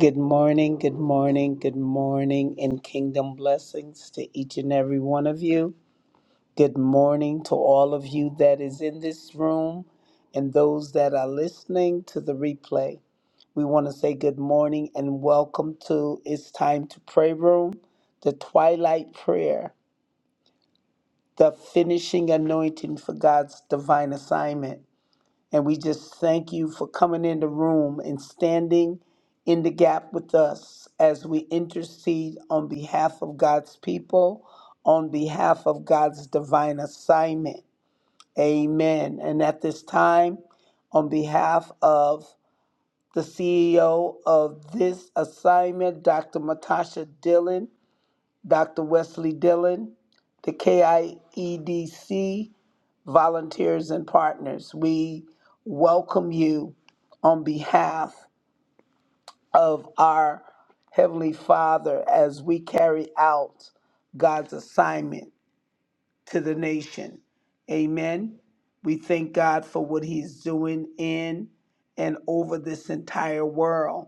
Good morning, good morning, good morning, and kingdom blessings to each and every one of you. Good morning to all of you that is in this room and those that are listening to the replay. We want to say good morning and welcome to It's Time to Pray Room, the Twilight Prayer, the finishing anointing for God's divine assignment. And we just thank you for coming in the room and standing in the gap with us as we intercede on behalf of God's people, on behalf of God's divine assignment. Amen. And at this time, on behalf of the CEO of this assignment, Dr. Matasha Dillon, Dr. Wesley Dillon, the KIEDC, volunteers and partners. We welcome you on behalf of our Heavenly Father as we carry out God's assignment to the nation. Amen. We thank God for what He's doing in and over this entire world.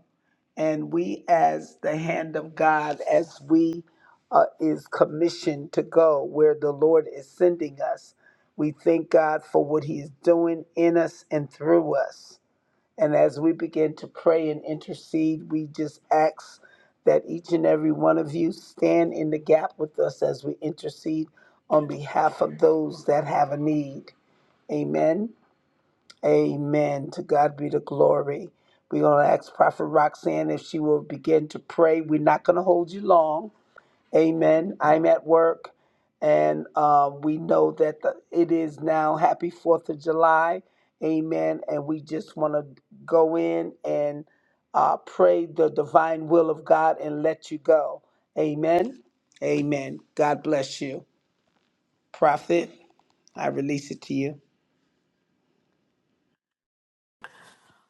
And we, as the hand of God, as we uh, is commissioned to go where the Lord is sending us, we thank God for what He's doing in us and through us. And as we begin to pray and intercede, we just ask that each and every one of you stand in the gap with us as we intercede on behalf of those that have a need. Amen. Amen. To God be the glory. We're going to ask Prophet Roxanne if she will begin to pray. We're not going to hold you long Amen. I'm at work, and um, we know that the, it is now Happy Fourth of July. Amen. And we just want to go in and uh, pray the divine will of God and let you go. Amen. Amen. God bless you, Prophet. I release it to you.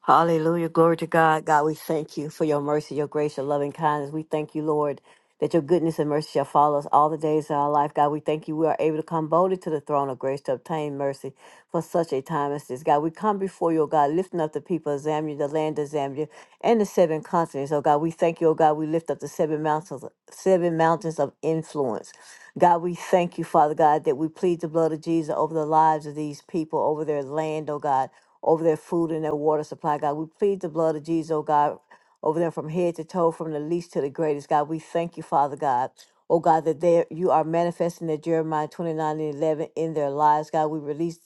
Hallelujah. Glory to God. God, we thank you for your mercy, your grace, your loving kindness. We thank you, Lord, that your goodness and mercy shall follow us all the days of our life. God, we thank you. We are able to come boldly to the throne of grace to obtain mercy for such a time as this. God, we come before you, oh God, lifting up the people of Zambia, the land of Zambia, and the seven continents. Oh God, we thank you, oh God. We lift up the seven mountains, seven mountains of influence. God, we thank you, Father God, that we plead the blood of Jesus over the lives of these people, over their land, oh God over their food and their water supply, God. We plead the blood of Jesus, oh God, over them from head to toe, from the least to the greatest, God. We thank you, Father God. Oh God, that there you are manifesting that Jeremiah 29 and 11 in their lives, God. We release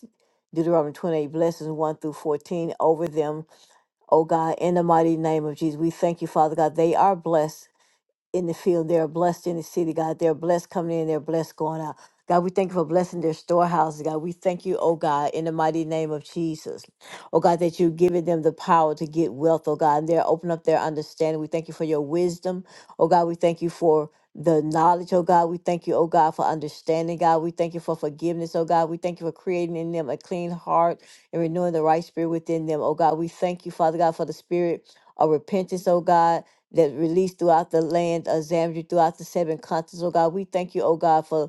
Deuteronomy 28 blessings 1 through 14 over them, oh God, in the mighty name of Jesus. We thank you, Father God. They are blessed in the field. They are blessed in the city, God. They're blessed coming in. They're blessed going out. God, we thank you for blessing their storehouses, God. We thank you, oh God, in the mighty name of Jesus. Oh God, that you've given them the power to get wealth, oh God, and they're open up their understanding. We thank you for your wisdom. Oh God, we thank you for the knowledge, oh God. We thank you, oh God, for understanding, God. We thank you for forgiveness, oh God. We thank you for creating in them a clean heart and renewing the right spirit within them, oh God. We thank you, Father God, for the spirit of repentance, oh God that released throughout the land of Zambia, throughout the seven continents. Oh God, we thank you, oh God, for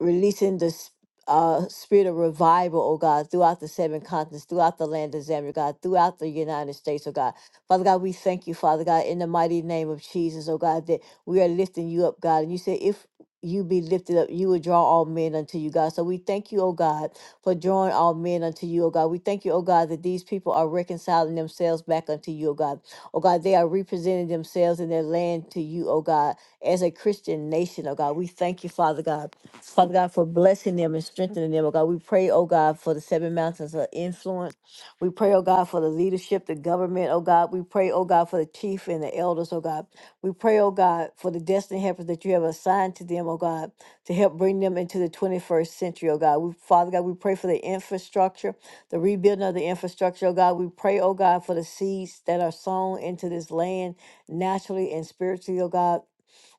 releasing the s- uh, spirit of revival, oh God, throughout the seven continents, throughout the land of Zambia, God, throughout the United States, oh God. Father God, we thank you, Father God, in the mighty name of Jesus, oh God, that we are lifting you up, God. And you say, if you be lifted up, you will draw all men unto you, God. So we thank you, oh God, for drawing all men unto you, oh God. We thank you, oh God, that these people are reconciling themselves back unto you, oh God. Oh God, they are representing themselves in their land to you, oh God, as a Christian nation, oh God. We thank you, Father God. Father God, for blessing them and strengthening them, oh God. We pray, oh God, for the seven mountains of influence. We pray, oh God, for the leadership, the government, oh God. We pray, oh God, for the chief and the elders, oh God. We pray, oh God, for the destiny helpers that you have assigned to them, oh God, to help bring them into the 21st century, oh God. We, Father God, we pray for the infrastructure, the rebuilding of the infrastructure, oh God. We pray, oh God, for the seeds that are sown into this land naturally and spiritually, oh God.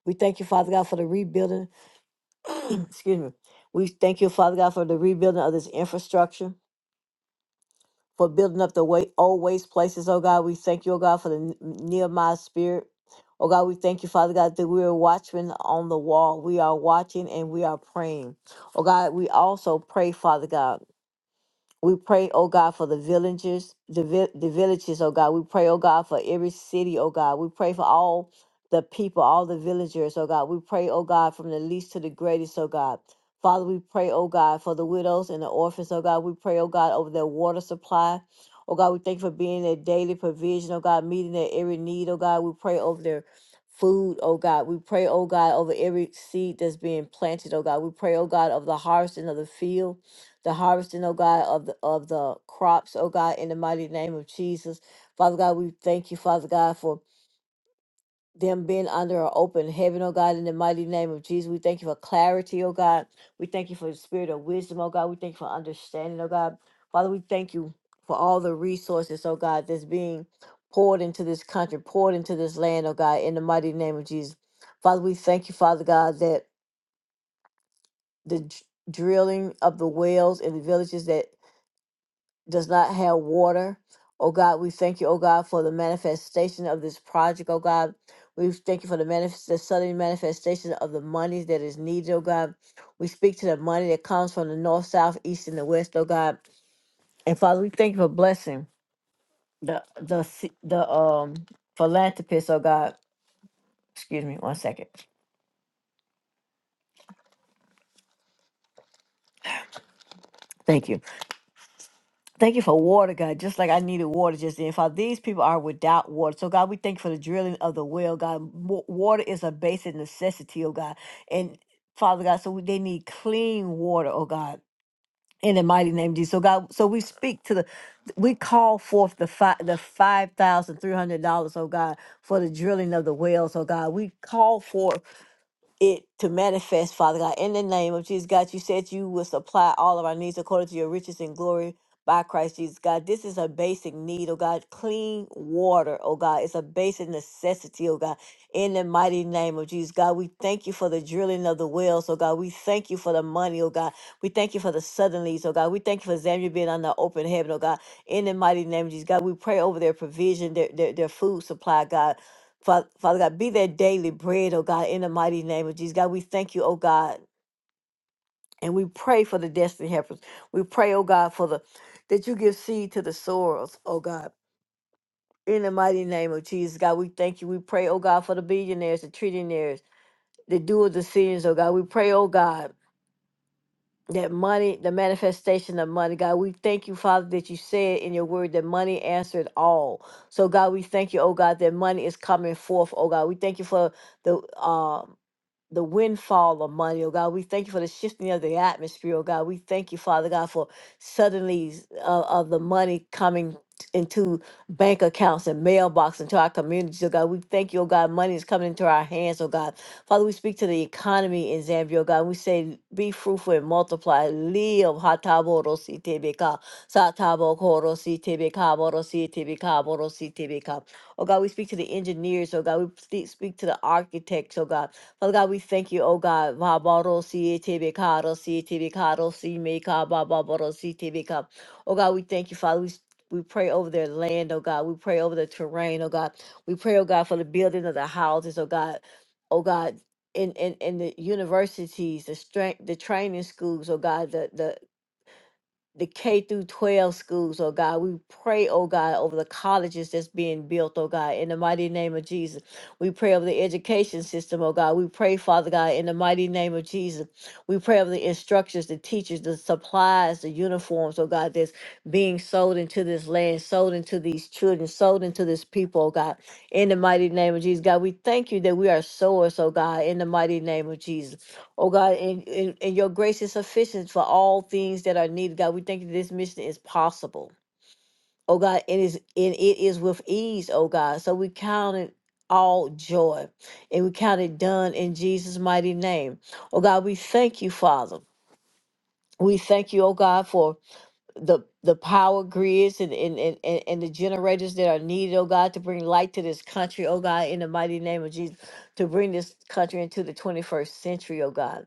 We thank you, Father God, for the rebuilding excuse me. We thank you, Father God, for the rebuilding of this infrastructure, for building up the wa- old waste places, oh God. We thank you, oh God, for the N- Nehemiah spirit. Oh God, we thank you, Father God, that we are watchmen on the wall. We are watching and we are praying. Oh God, we also pray, Father God. We pray, oh God, for the villagers, the, vi- the villages, oh God. We pray, oh God, for every city, oh God. We pray for all the people, all the villagers, oh God. We pray, oh God, from the least to the greatest, oh God. Father, we pray, oh God, for the widows and the orphans, oh God. We pray, oh God, over their water supply. Oh God, we thank you for being their daily provision, oh God, meeting their every need, oh God. We pray over their food, oh God. We pray, oh God, over every seed that's being planted, oh God. We pray, oh God, over the harvesting of the field the harvesting, oh God, of the of the crops, oh God, in the mighty name of Jesus. Father God, we thank you, Father God, for them being under an open heaven, oh God, in the mighty name of Jesus. We thank you for clarity, oh God. We thank you for the spirit of wisdom, oh God. We thank you for understanding, oh God. Father, we thank you for all the resources, oh God, that's being poured into this country, poured into this land, oh God, in the mighty name of Jesus. Father, we thank you, Father God, that the dr- drilling of the wells in the villages that does not have water. Oh God, we thank you, oh God, for the manifestation of this project, oh God. We thank you for the, manifest, the sudden manifestation of the money that is needed, oh God. We speak to the money that comes from the north, south, east, and the west, oh God. And Father, we thank you for blessing the the se- the um philanthropist, oh God. Excuse me, one second. Thank you Thank you for water, God, just like I needed water just then. Father, these people are without water. So, God, we thank you for the drilling of the well, God. Wa- Water is a basic necessity, oh God. And Father God, so they need clean water, oh God. In the mighty name of Jesus. So God, so we speak to the we call forth the five the five thousand three hundred dollars, oh God, for the drilling of the wells, oh God. We call for it to manifest, Father God, in the name of Jesus. God, you said you will supply all of our needs according to your riches and glory by Christ Jesus. God, this is a basic need, oh God. Clean water, oh God. It's a basic necessity, oh God. In the mighty name of Jesus, God, we thank you for the drilling of the wells, oh God. We thank you for the money, oh God. We thank you for the suddenlies, oh God. We thank you for Zambia being under open heaven, oh God. In the mighty name of Jesus, God, we pray over their provision, their, their, their food supply, God. Fa- Father God, be their daily bread, oh God, in the mighty name of Jesus. God, we thank you, oh God, and we pray for the destiny helpers. We pray, oh God, for the that you give seed to the sorrows, oh God. In the mighty name of Jesus, God, we thank you. We pray, oh God, for the billionaires, the trillionaires, the dual decisions, oh God. We pray, oh God, that money, the manifestation of money, God, we thank you, Father, that you said in your word that money answered all. So, God, we thank you, oh God, that money is coming forth, oh God. We thank you for the um the windfall of money, oh God. We thank you for the shifting of the atmosphere, oh God. We thank you, Father God, for suddenly uh, of the money coming into bank accounts and mailbox into our communities, oh God. We thank you, oh God. Money is coming into our hands, oh God. Father, we speak to the economy in Zambia, oh God. We say, be fruitful and multiply. Live hatabodositebeka, satabokorositebeka, borositebeka, Oh God, we speak to the engineers, oh God. We speak speak to the architects, oh God. Father God, we thank you, oh God. Vabaro si tebe karo si tebe si me ka babaro si tebe Oh God, we thank you, Father. We we pray over their land, oh God. We pray over the terrain, oh God. We pray, oh God, for the building of the houses, oh God. Oh God, in in, in the universities, the strength, the training schools, oh God, the the the K through 12 schools, oh God. We pray, oh God, over the colleges that's being built, oh God, in the mighty name of Jesus. We pray over the education system, oh God. We pray, Father God, in the mighty name of Jesus. We pray over the instructors, the teachers, the supplies, the uniforms, oh God, that's being sold into this land, sold into these children, sold into this people, oh God, in the mighty name of Jesus. God, we thank you that we are sowers, oh God, in the mighty name of Jesus. Oh God, and, and, and your grace is sufficient for all things that are needed. God, we thank you that this mission is possible. Oh God, it is and it is with ease, oh God. So we count it all joy and we count it done in Jesus' mighty name. Oh God, we thank you, Father. We thank you, oh God, for the the power grids and and, and and and the generators that are needed, oh God, to bring light to this country, oh God, in the mighty name of Jesus, to bring this country into the 21st century, oh God.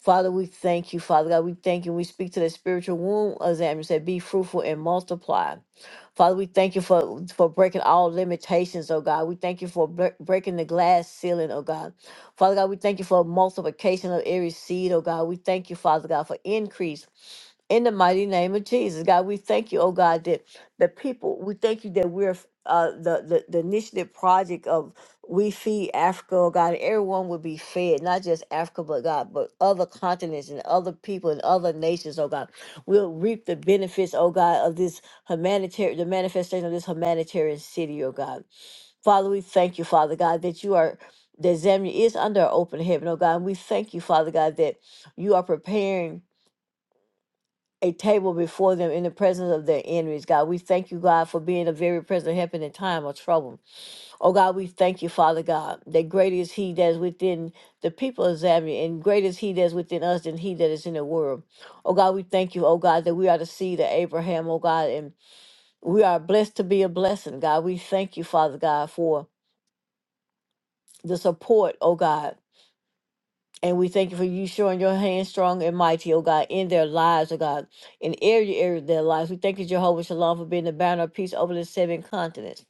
Father, we thank you, Father God. We thank you. We speak to the spiritual womb, as Amos said, be fruitful and multiply. Father, we thank you for, for breaking all limitations, oh God. We thank you for bre- breaking the glass ceiling, oh God. Father God, we thank you for multiplication of every seed, oh God. We thank you, Father God, for increase. In the mighty name of Jesus, God, we thank you, oh God, that the people, we thank you that we're uh, the, the the initiative project of We Feed Africa, oh God, everyone will be fed, not just Africa, but God, but other continents and other people and other nations, oh God, we will reap the benefits, oh God, of this humanitarian, the manifestation of this humanitarian city, oh God. Father, we thank you, Father God, that you are that Zambia is under an open heaven, oh God. And we thank you, Father God, that you are preparing a table before them in the presence of their enemies, God. We thank you, God, for being a very present help in a time of trouble. Oh God, we thank you, Father God, that great is he that is within the people of Zambia, and great is he that is within us than he that is in the world. Oh God, we thank you, oh God, that we are the seed of Abraham, oh God, and we are blessed to be a blessing, God. We thank you, Father God, for the support, oh God And we thank you for you showing your hand strong and mighty, oh God, in their lives, oh God, in every area of their lives. We thank you, Jehovah Shalom, for being the banner of peace over the seven continents.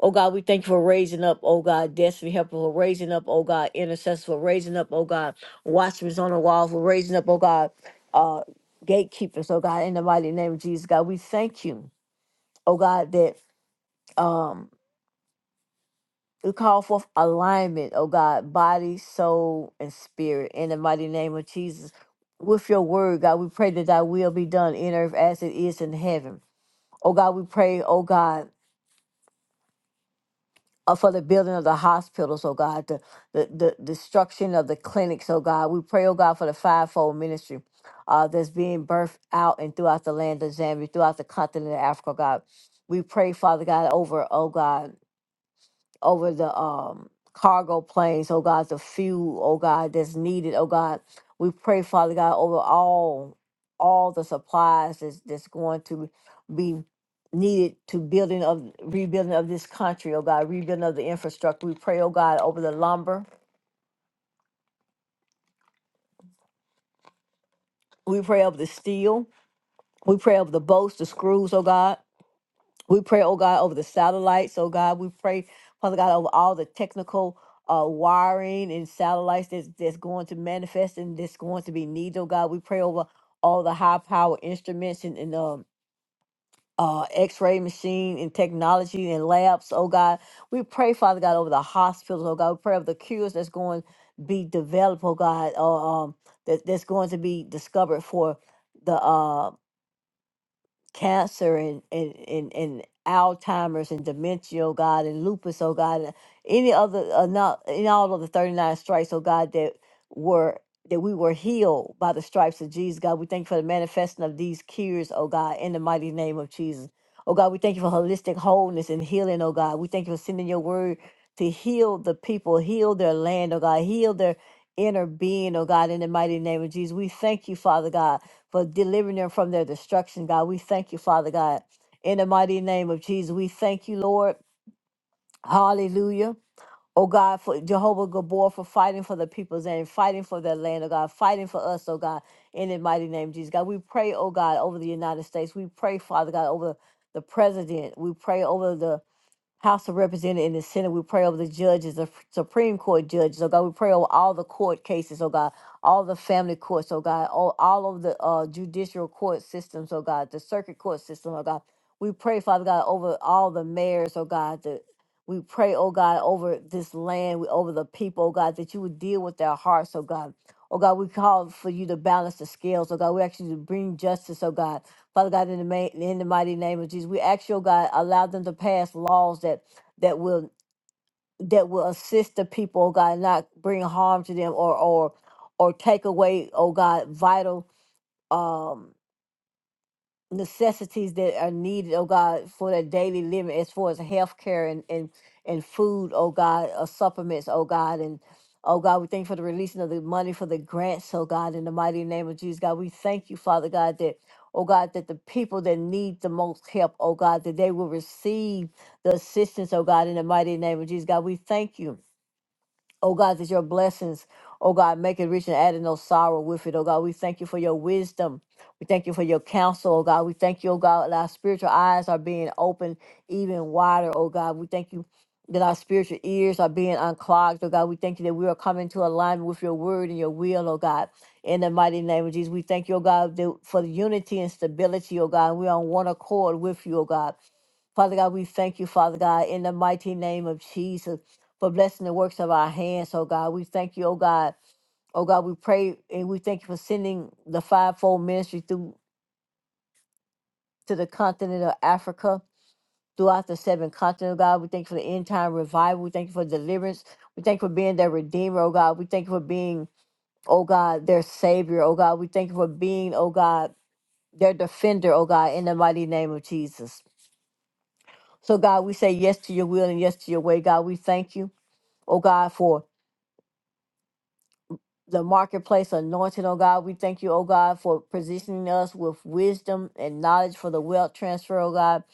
Oh God, we thank you for raising up, oh God, destiny helper for raising up, oh God, intercessors for raising up, oh God, watchmen on the wall for raising up, oh God, uh, gatekeepers, oh God, in the mighty name of Jesus, God. We thank you, oh God, that um we call forth alignment, oh God, body, soul, and spirit. In the mighty name of Jesus, with your word, God, we pray that thy will be done in earth as it is in heaven. Oh God, we pray, oh God, uh, for the building of the hospitals, oh God, the, the, the destruction of the clinics, oh God. We pray, oh God, for the fivefold ministry uh, that's being birthed out and throughout the land of Zambia, throughout the continent of Africa, oh God. We pray, Father God, over, oh God. over the um cargo planes, oh God, the fuel, oh God, that's needed, oh God. We pray, Father God, over all all the supplies that's that's going to be needed to building of rebuilding of this country, oh God, rebuilding of the infrastructure. We pray, oh God, over the lumber. We pray over the steel. We pray over the bolts, the screws, oh God. We pray, oh God, over the satellites, oh God. We pray, Father God, over all the technical uh, wiring and satellites that's, that's going to manifest and that's going to be needed, oh God. We pray over all the high power instruments and, and um, uh, x ray machine and technology and labs, oh God. We pray, Father God, over the hospitals, oh God. We pray over the cures that's going to be developed, oh God, uh, um, that, that's going to be discovered for the uh, cancer and and and, and Alzheimer's and dementia, oh God, and lupus, oh God, and any other uh, not in all of the thirty nine stripes, oh God, that were that we were healed by the stripes of Jesus, God. We thank you for the manifesting of these cures, oh God, in the mighty name of Jesus. Oh God, we thank you for holistic wholeness and healing, oh God. We thank you for sending your word to heal the people, heal their land, oh God, heal their inner being, oh God, in the mighty name of Jesus. We thank you, Father God for delivering them from their destruction, God. We thank you, Father God. In the mighty name of Jesus, we thank you, Lord. Hallelujah. Oh God, for Jehovah Gabor for fighting for the people's and fighting for their land, oh God, fighting for us, oh God, in the mighty name of Jesus. God, we pray, oh God, over the United States. We pray, Father God, over the president. We pray over the House of Representatives and the Senate. We pray over the judges, the Supreme Court judges. Oh God, we pray over all the court cases. Oh God, all the family courts. Oh God, all, all of the uh, judicial court systems. Oh God, the circuit court system. Oh God, we pray, Father God, over all the mayors. Oh God, the we pray, oh God, over this land, we over the people, oh God, that you would deal with their hearts, oh God. Oh God, we call for you to balance the scales, oh God. We actually to bring justice, oh God. Father God, in the ma- in the mighty name of Jesus, we ask your God, allow them to pass laws that that will that will assist the people, oh God, not bring harm to them or or or take away, oh God, vital um necessities that are needed, oh God, for their daily living as far as healthcare and and and food, oh God, or supplements, oh God, and oh God, we thank you for the releasing of the money for the grants, oh God, in the mighty name of Jesus, God, we thank you, Father God, that oh God, that the people that need the most help, oh God, that they will receive the assistance, oh God, in the mighty name of Jesus, God, we thank you. Oh God, that your blessings, oh God, make it rich and add no sorrow with it. Oh God, we thank you for your wisdom. We thank you for your counsel, oh God. We thank you, oh God, that our spiritual eyes are being opened even wider, oh God. We thank you that our spiritual ears are being unclogged, oh God. We thank you that we are coming to alignment with your word and your will, oh God. In the mighty name of Jesus, we thank you, oh God, that for the unity and stability, oh God. We're on one accord with you, oh God. Father God, we thank you, Father God, in the mighty name of Jesus for blessing the works of our hands, oh God. We thank you, oh God. Oh God, we pray and we thank you for sending the fivefold ministry through to the continent of Africa, throughout the seven continents, oh God. We thank you for the end time revival. We thank you for deliverance. We thank you for being their redeemer, oh God. We thank you for being, oh God, their savior, oh God. We thank you for being, oh God, their defender, oh God, in the mighty name of Jesus. So God, we say yes to your will and yes to your way, God. We thank you, oh God, for the marketplace anointing, oh God. We thank you, oh God, for positioning us with wisdom and knowledge for the wealth transfer, oh God.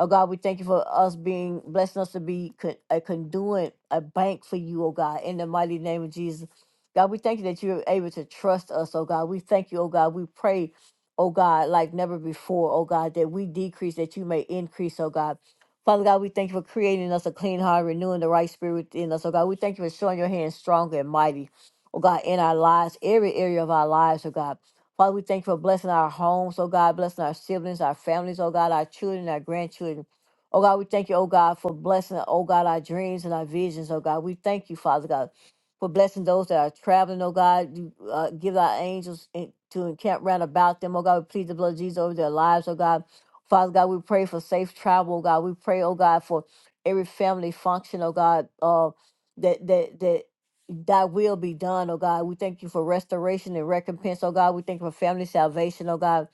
Oh God, we thank you for us being blessing us to be con- a conduit, a bank for you, oh God, in the mighty name of Jesus. God, we thank you that you're able to trust us, oh God. We thank you, oh God. We pray, oh God, like never before, oh God, that we decrease, that you may increase, oh God. Father God, we thank you for creating us a clean heart, renewing the right spirit within us, oh God. We thank you for showing your hand strong and mighty oh God, in our lives, every area of our lives, oh God. Father, we thank you for blessing our homes, oh God, blessing our siblings, our families, oh God, our children, our grandchildren. Oh God, we thank you, oh God, for blessing, oh God, our dreams and our visions, oh God. We thank you, Father God, for blessing those that are traveling, oh God. You, uh, give our angels en- to encamp round about them, oh God. We plead the blood of Jesus over their lives, oh God. Father God, we pray for safe travel, oh God. We pray, oh God, for every family function, oh God, uh, that that that Thy will be done, oh God. We thank you for restoration and recompense, oh God. We thank you for family salvation, oh God.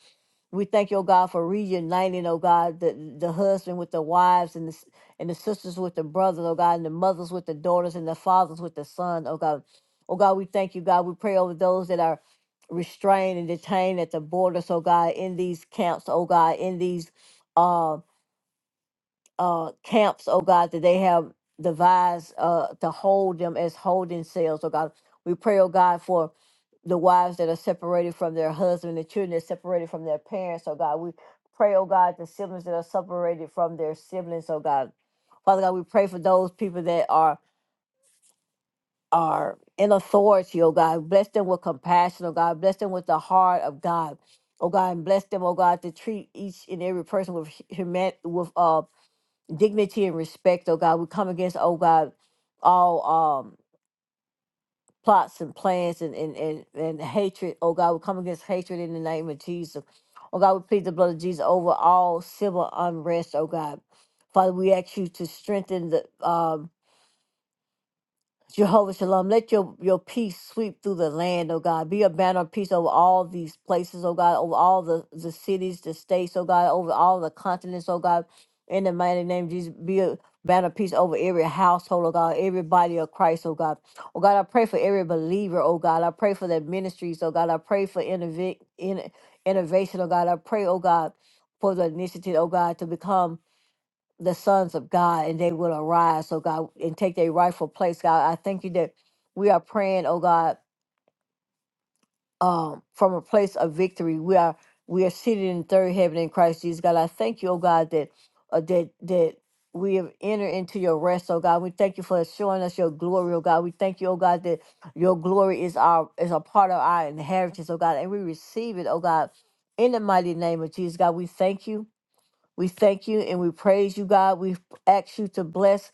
We thank you, oh God, for reuniting, oh God, the, the husband with the wives and the, s- and the sisters with the brothers, oh God, and the mothers with the daughters and the fathers with the son, oh God. Oh God, we thank you, God. We pray over those that are restrained and detained at the borders, oh God, in these camps, oh God, in these uh, uh, camps, oh God, that they have devised uh, to hold them as holding cells, oh God. We pray, oh God, for the wives that are separated from their husband, the children that are separated from their parents, oh God. We pray, oh God, the siblings that are separated from their siblings, oh God. Father God, we pray for those people that are are in authority, oh God. Bless them with compassion, oh God. Bless them with the heart of God. Oh God, and bless them, oh God, to treat each and every person with human with uh dignity and respect, oh God. We come against, oh God, all um plots and plans and and, and, and hatred, oh God. We come against hatred in the name of Jesus. Oh God, we plead the blood of Jesus over all civil unrest, oh God. Father, we ask you to strengthen the um Jehovah Shalom, let your, your peace sweep through the land, oh God. Be a banner of peace over all these places, oh God, over all the, the cities, the states, oh God, over all the continents, oh God. In the mighty name of Jesus, be a banner of peace over every household, oh God, every body of Christ, oh God. Oh God, I pray for every believer, oh God. I pray for their ministries, oh God. I pray for innov- in, innovation, oh God. I pray, oh God, for the initiative, oh God, to become the sons of God and they will arise, oh God, and take their rightful place, God. I thank you that we are praying, oh God, um, from a place of victory. We are we are seated in third heaven in Christ Jesus, God. I thank you, oh God, that uh, that that we have entered into your rest, oh God. We thank you for showing us your glory, oh God. We thank you, oh God, that your glory is our is a part of our inheritance, oh God, and we receive it, oh God, in the mighty name of Jesus, God. We thank you. We thank you and we praise you, God. We ask you to bless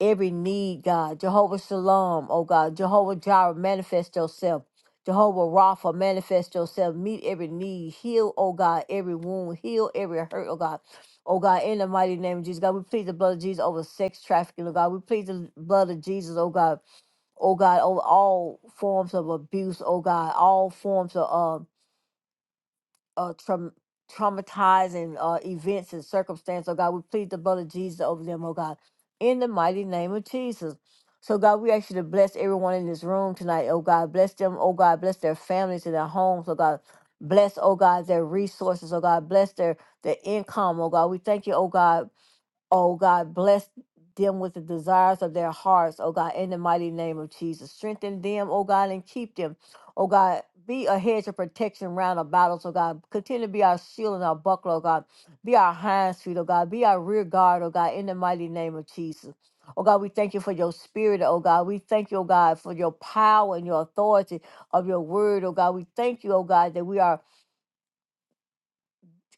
every need, God. Jehovah Shalom, oh God. Jehovah Jireh, manifest yourself. Jehovah Rapha, manifest yourself. Meet every need. Heal, oh God, every wound. Heal every hurt, oh God. Oh God, in the mighty name of Jesus, God, we plead the blood of Jesus over sex trafficking, oh God. We plead the blood of Jesus, oh God. Oh God, over all forms of abuse, oh God. All forms of um uh, traum- traumatizing uh, events and circumstances. Oh God, we plead the blood of Jesus over them, oh God, in the mighty name of Jesus. So God, we ask you to bless everyone in this room tonight, oh God. Bless them, oh God. Bless their families and their homes, oh God. Bless, oh God, their resources, oh God. Bless their, their income, oh God. We thank you, oh God Oh God, bless them with the desires of their hearts, oh God, in the mighty name of Jesus. Strengthen them, oh God, and keep them. Oh God, be a hedge of protection round about us, oh God. Continue to be our shield and our buckler, oh God. Be our hind feet, oh God. Be our rear guard, oh God, in the mighty name of Jesus. Oh God, we thank you for your spirit, oh God. We thank you, oh God, for your power and your authority of your word, oh God. We thank you, oh God, that we are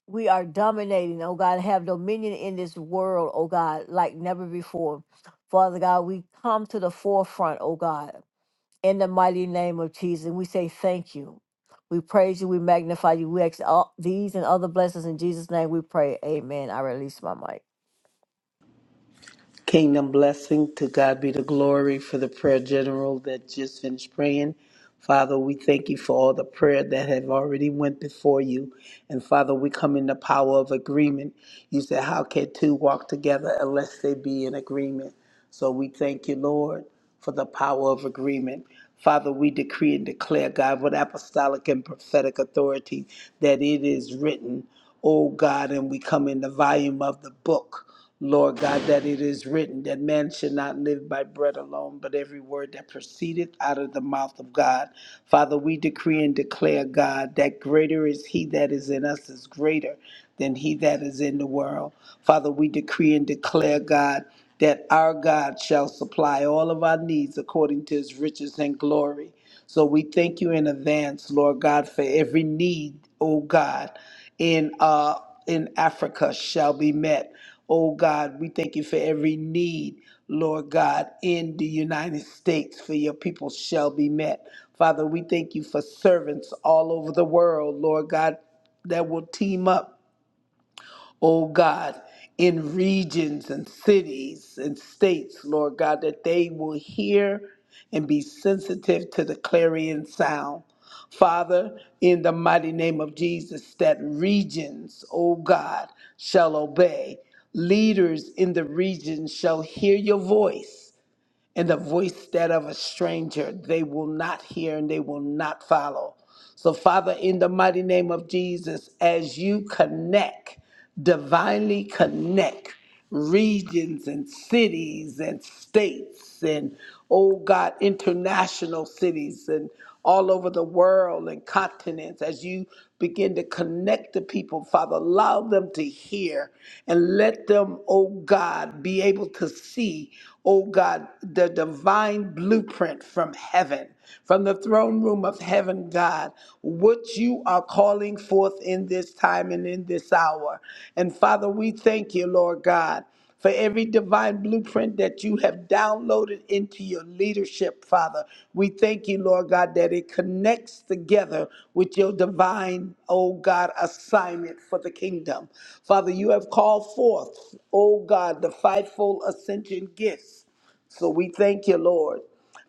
we are dominating, oh God, have dominion in this world, oh God, like never before. Father God, we come to the forefront, oh God, in the mighty name of Jesus. And we say thank you. We praise you. We magnify you. We ask all these and other blessings in Jesus' name. We pray. Amen. I release my mic. Kingdom blessing to God be the glory for the prayer general that just finished praying. Father, we thank you for all the prayer that have already went before you. And Father, we come in the power of agreement. You said, how can two walk together unless they be in agreement? So we thank you, Lord, for the power of agreement. Father, we decree and declare, God, with apostolic and prophetic authority that it is written, O God, and we come in the volume of the book. Lord God, that it is written that man should not live by bread alone, but every word that proceedeth out of the mouth of God. Father, we decree and declare, God, that greater is he that is in us is greater than he that is in the world. Father, we decree and declare, God, that our God shall supply all of our needs according to his riches and glory. So we thank you in advance, Lord God, for every need, oh God, in uh in Africa shall be met. Oh God, we thank you for every need, Lord God, in the United States for your people shall be met. Father, we thank you for servants all over the world, Lord God, that will team up oh God, in regions and cities and states, Lord God, that they will hear and be sensitive to the clarion sound. Father, in the mighty name of Jesus, that regions, oh God, shall obey. Leaders in the region shall hear your voice, and the voice that of a stranger they will not hear and they will not follow. So, Father, in the mighty name of Jesus, as you connect, divinely connect regions and cities and states and, oh God, international cities and all over the world and continents, as you begin to connect the people, Father, allow them to hear and let them, oh God, be able to see, oh God, the divine blueprint from heaven, from the throne room of heaven, God, what you are calling forth in this time and in this hour. And Father, we thank you, Lord God for every divine blueprint that you have downloaded into your leadership, Father. We thank you, Lord God, that it connects together with your divine, oh God, assignment for the kingdom. Father, you have called forth, oh God, the fivefold ascension gifts. So we thank you, Lord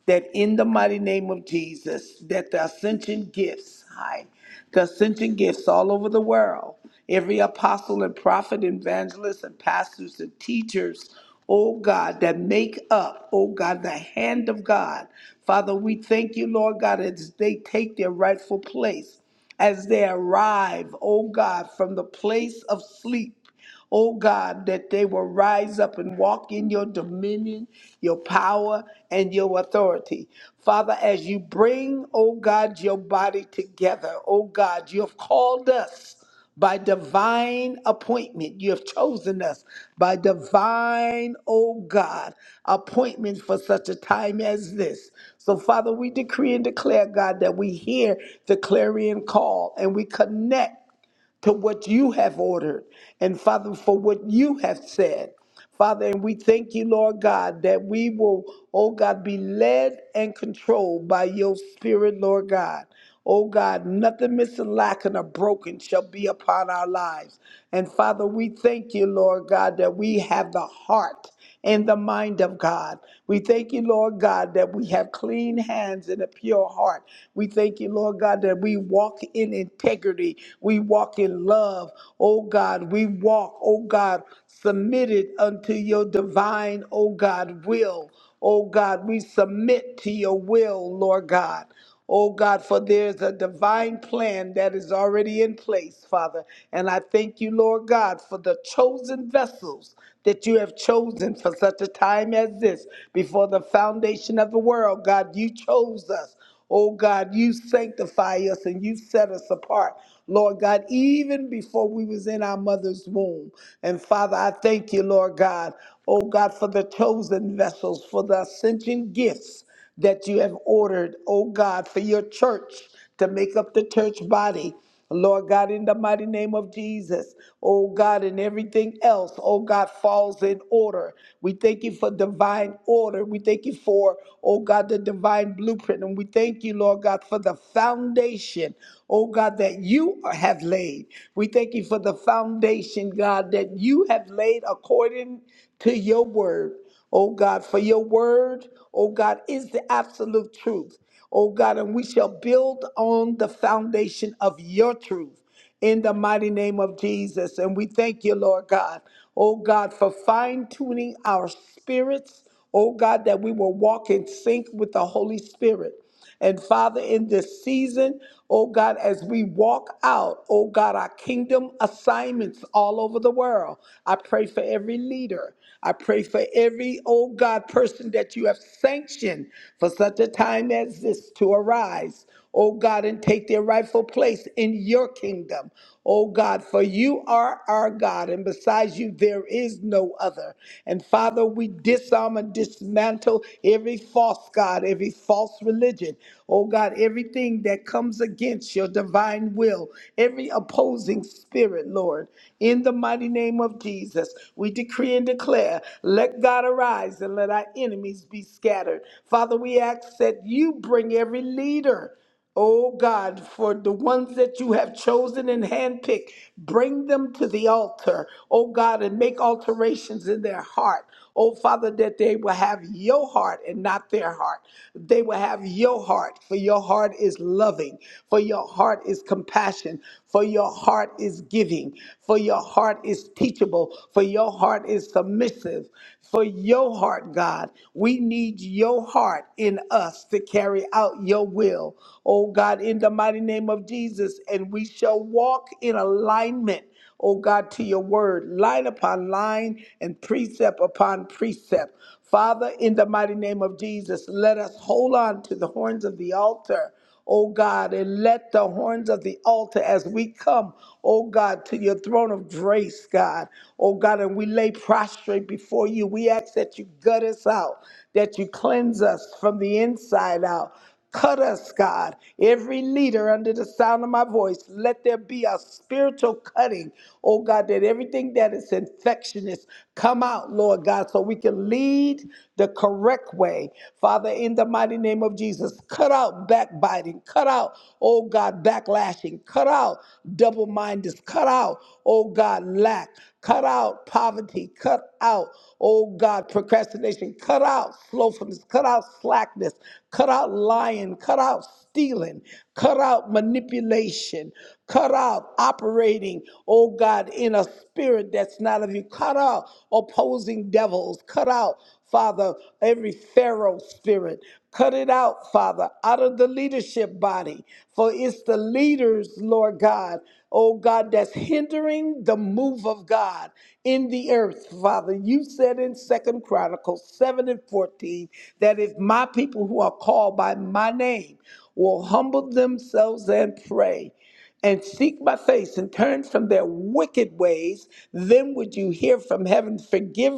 that in the mighty name of Jesus, that the ascension gifts, hi, the ascension gifts all over the world, every apostle and prophet, evangelist and pastors and teachers, oh God, that make up, oh God, the hand of God. Father, we thank you, Lord God, as they take their rightful place, as they arrive, oh God, from the place of sleep oh God, that they will rise up and walk in your dominion, your power, and your authority. Father, as you bring, oh God, your body together, oh God, you have called us by divine appointment. You have chosen us by divine, oh God, appointment for such a time as this. So, Father, we decree and declare, God, that we hear the clarion call and we connect to what you have ordered and Father, for what you have said. Father, and we thank you, Lord God, that we will, oh God, be led and controlled by your spirit, Lord God. Oh God, nothing missing, lacking, or broken shall be upon our lives. And Father, we thank you, Lord God, that we have the heart in the mind of God. We thank you, Lord God, that we have clean hands and a pure heart. We thank you, Lord God, that we walk in integrity. We walk in love. Oh God, we walk, oh God, submitted unto your divine, oh God, will. Oh God, we submit to your will, Lord God. Oh God, for there's a divine plan that is already in place, Father. And I thank you, Lord God, for the chosen vessels that you have chosen for such a time as this. Before the foundation of the world, God, you chose us. Oh God, you sanctify us and you set us apart. Lord God, even before we was in our mother's womb. And Father, I thank you, Lord God. Oh God, for the chosen vessels, for the ascension gifts that you have ordered, oh God, for your church to make up the church body. Lord God, in the mighty name of Jesus, oh God, and everything else, oh God, falls in order. We thank you for divine order. We thank you for, oh God, the divine blueprint. And we thank you, Lord God, for the foundation, oh God, that you have laid. We thank you for the foundation, God, that you have laid according to your word oh God, for your word, oh God, is the absolute truth, oh God, and we shall build on the foundation of your truth in the mighty name of Jesus. And we thank you, Lord God, oh God, for fine tuning our spirits, oh God, that we will walk in sync with the Holy Spirit. And Father, in this season, oh God, as we walk out, oh God, our kingdom assignments all over the world, I pray for every leader. I pray for every, oh God, person that you have sanctioned for such a time as this to arise oh God, and take their rightful place in your kingdom, oh God, for you are our God, and besides you, there is no other. And Father, we disarm and dismantle every false God, every false religion, oh God, everything that comes against your divine will, every opposing spirit, Lord, in the mighty name of Jesus, we decree and declare, let God arise and let our enemies be scattered. Father, we ask that you bring every leader. Oh God, for the ones that you have chosen and handpicked, bring them to the altar, oh God, and make alterations in their heart. Oh Father, that they will have your heart and not their heart. They will have your heart, for your heart is loving, for your heart is compassion, for your heart is giving, for your heart is teachable, for your heart is submissive, for your heart, God. We need your heart in us to carry out your will, oh God, in the mighty name of Jesus, and we shall walk in alignment oh God, to your word, line upon line and precept upon precept. Father, in the mighty name of Jesus, let us hold on to the horns of the altar oh God, and let the horns of the altar as we come, oh God, to your throne of grace, God, oh God, and we lay prostrate before you. We ask that you gut us out, that you cleanse us from the inside out. Cut us, God, every leader under the sound of my voice. Let there be a spiritual cutting, oh God, that everything that is infectious come out, Lord God, so we can lead the correct way. Father, in the mighty name of Jesus, cut out backbiting, cut out, oh God, backlashing, cut out double mindedness, cut out, oh God, lack, cut out poverty, cut out, oh God, procrastination, cut out slothfulness, cut out slackness, cut out lying, cut out stealing, cut out manipulation, cut out operating, oh God, in a spirit that's not of you, cut out opposing devils, cut out. Father, every Pharaoh spirit. Cut it out, Father, out of the leadership body. For it's the leaders, Lord God, oh God, that's hindering the move of God in the earth, Father. You said in Second Chronicles 7 and 14 that if my people who are called by my name will humble themselves and pray and seek my face and turn from their wicked ways, then would you hear from heaven, Forgive,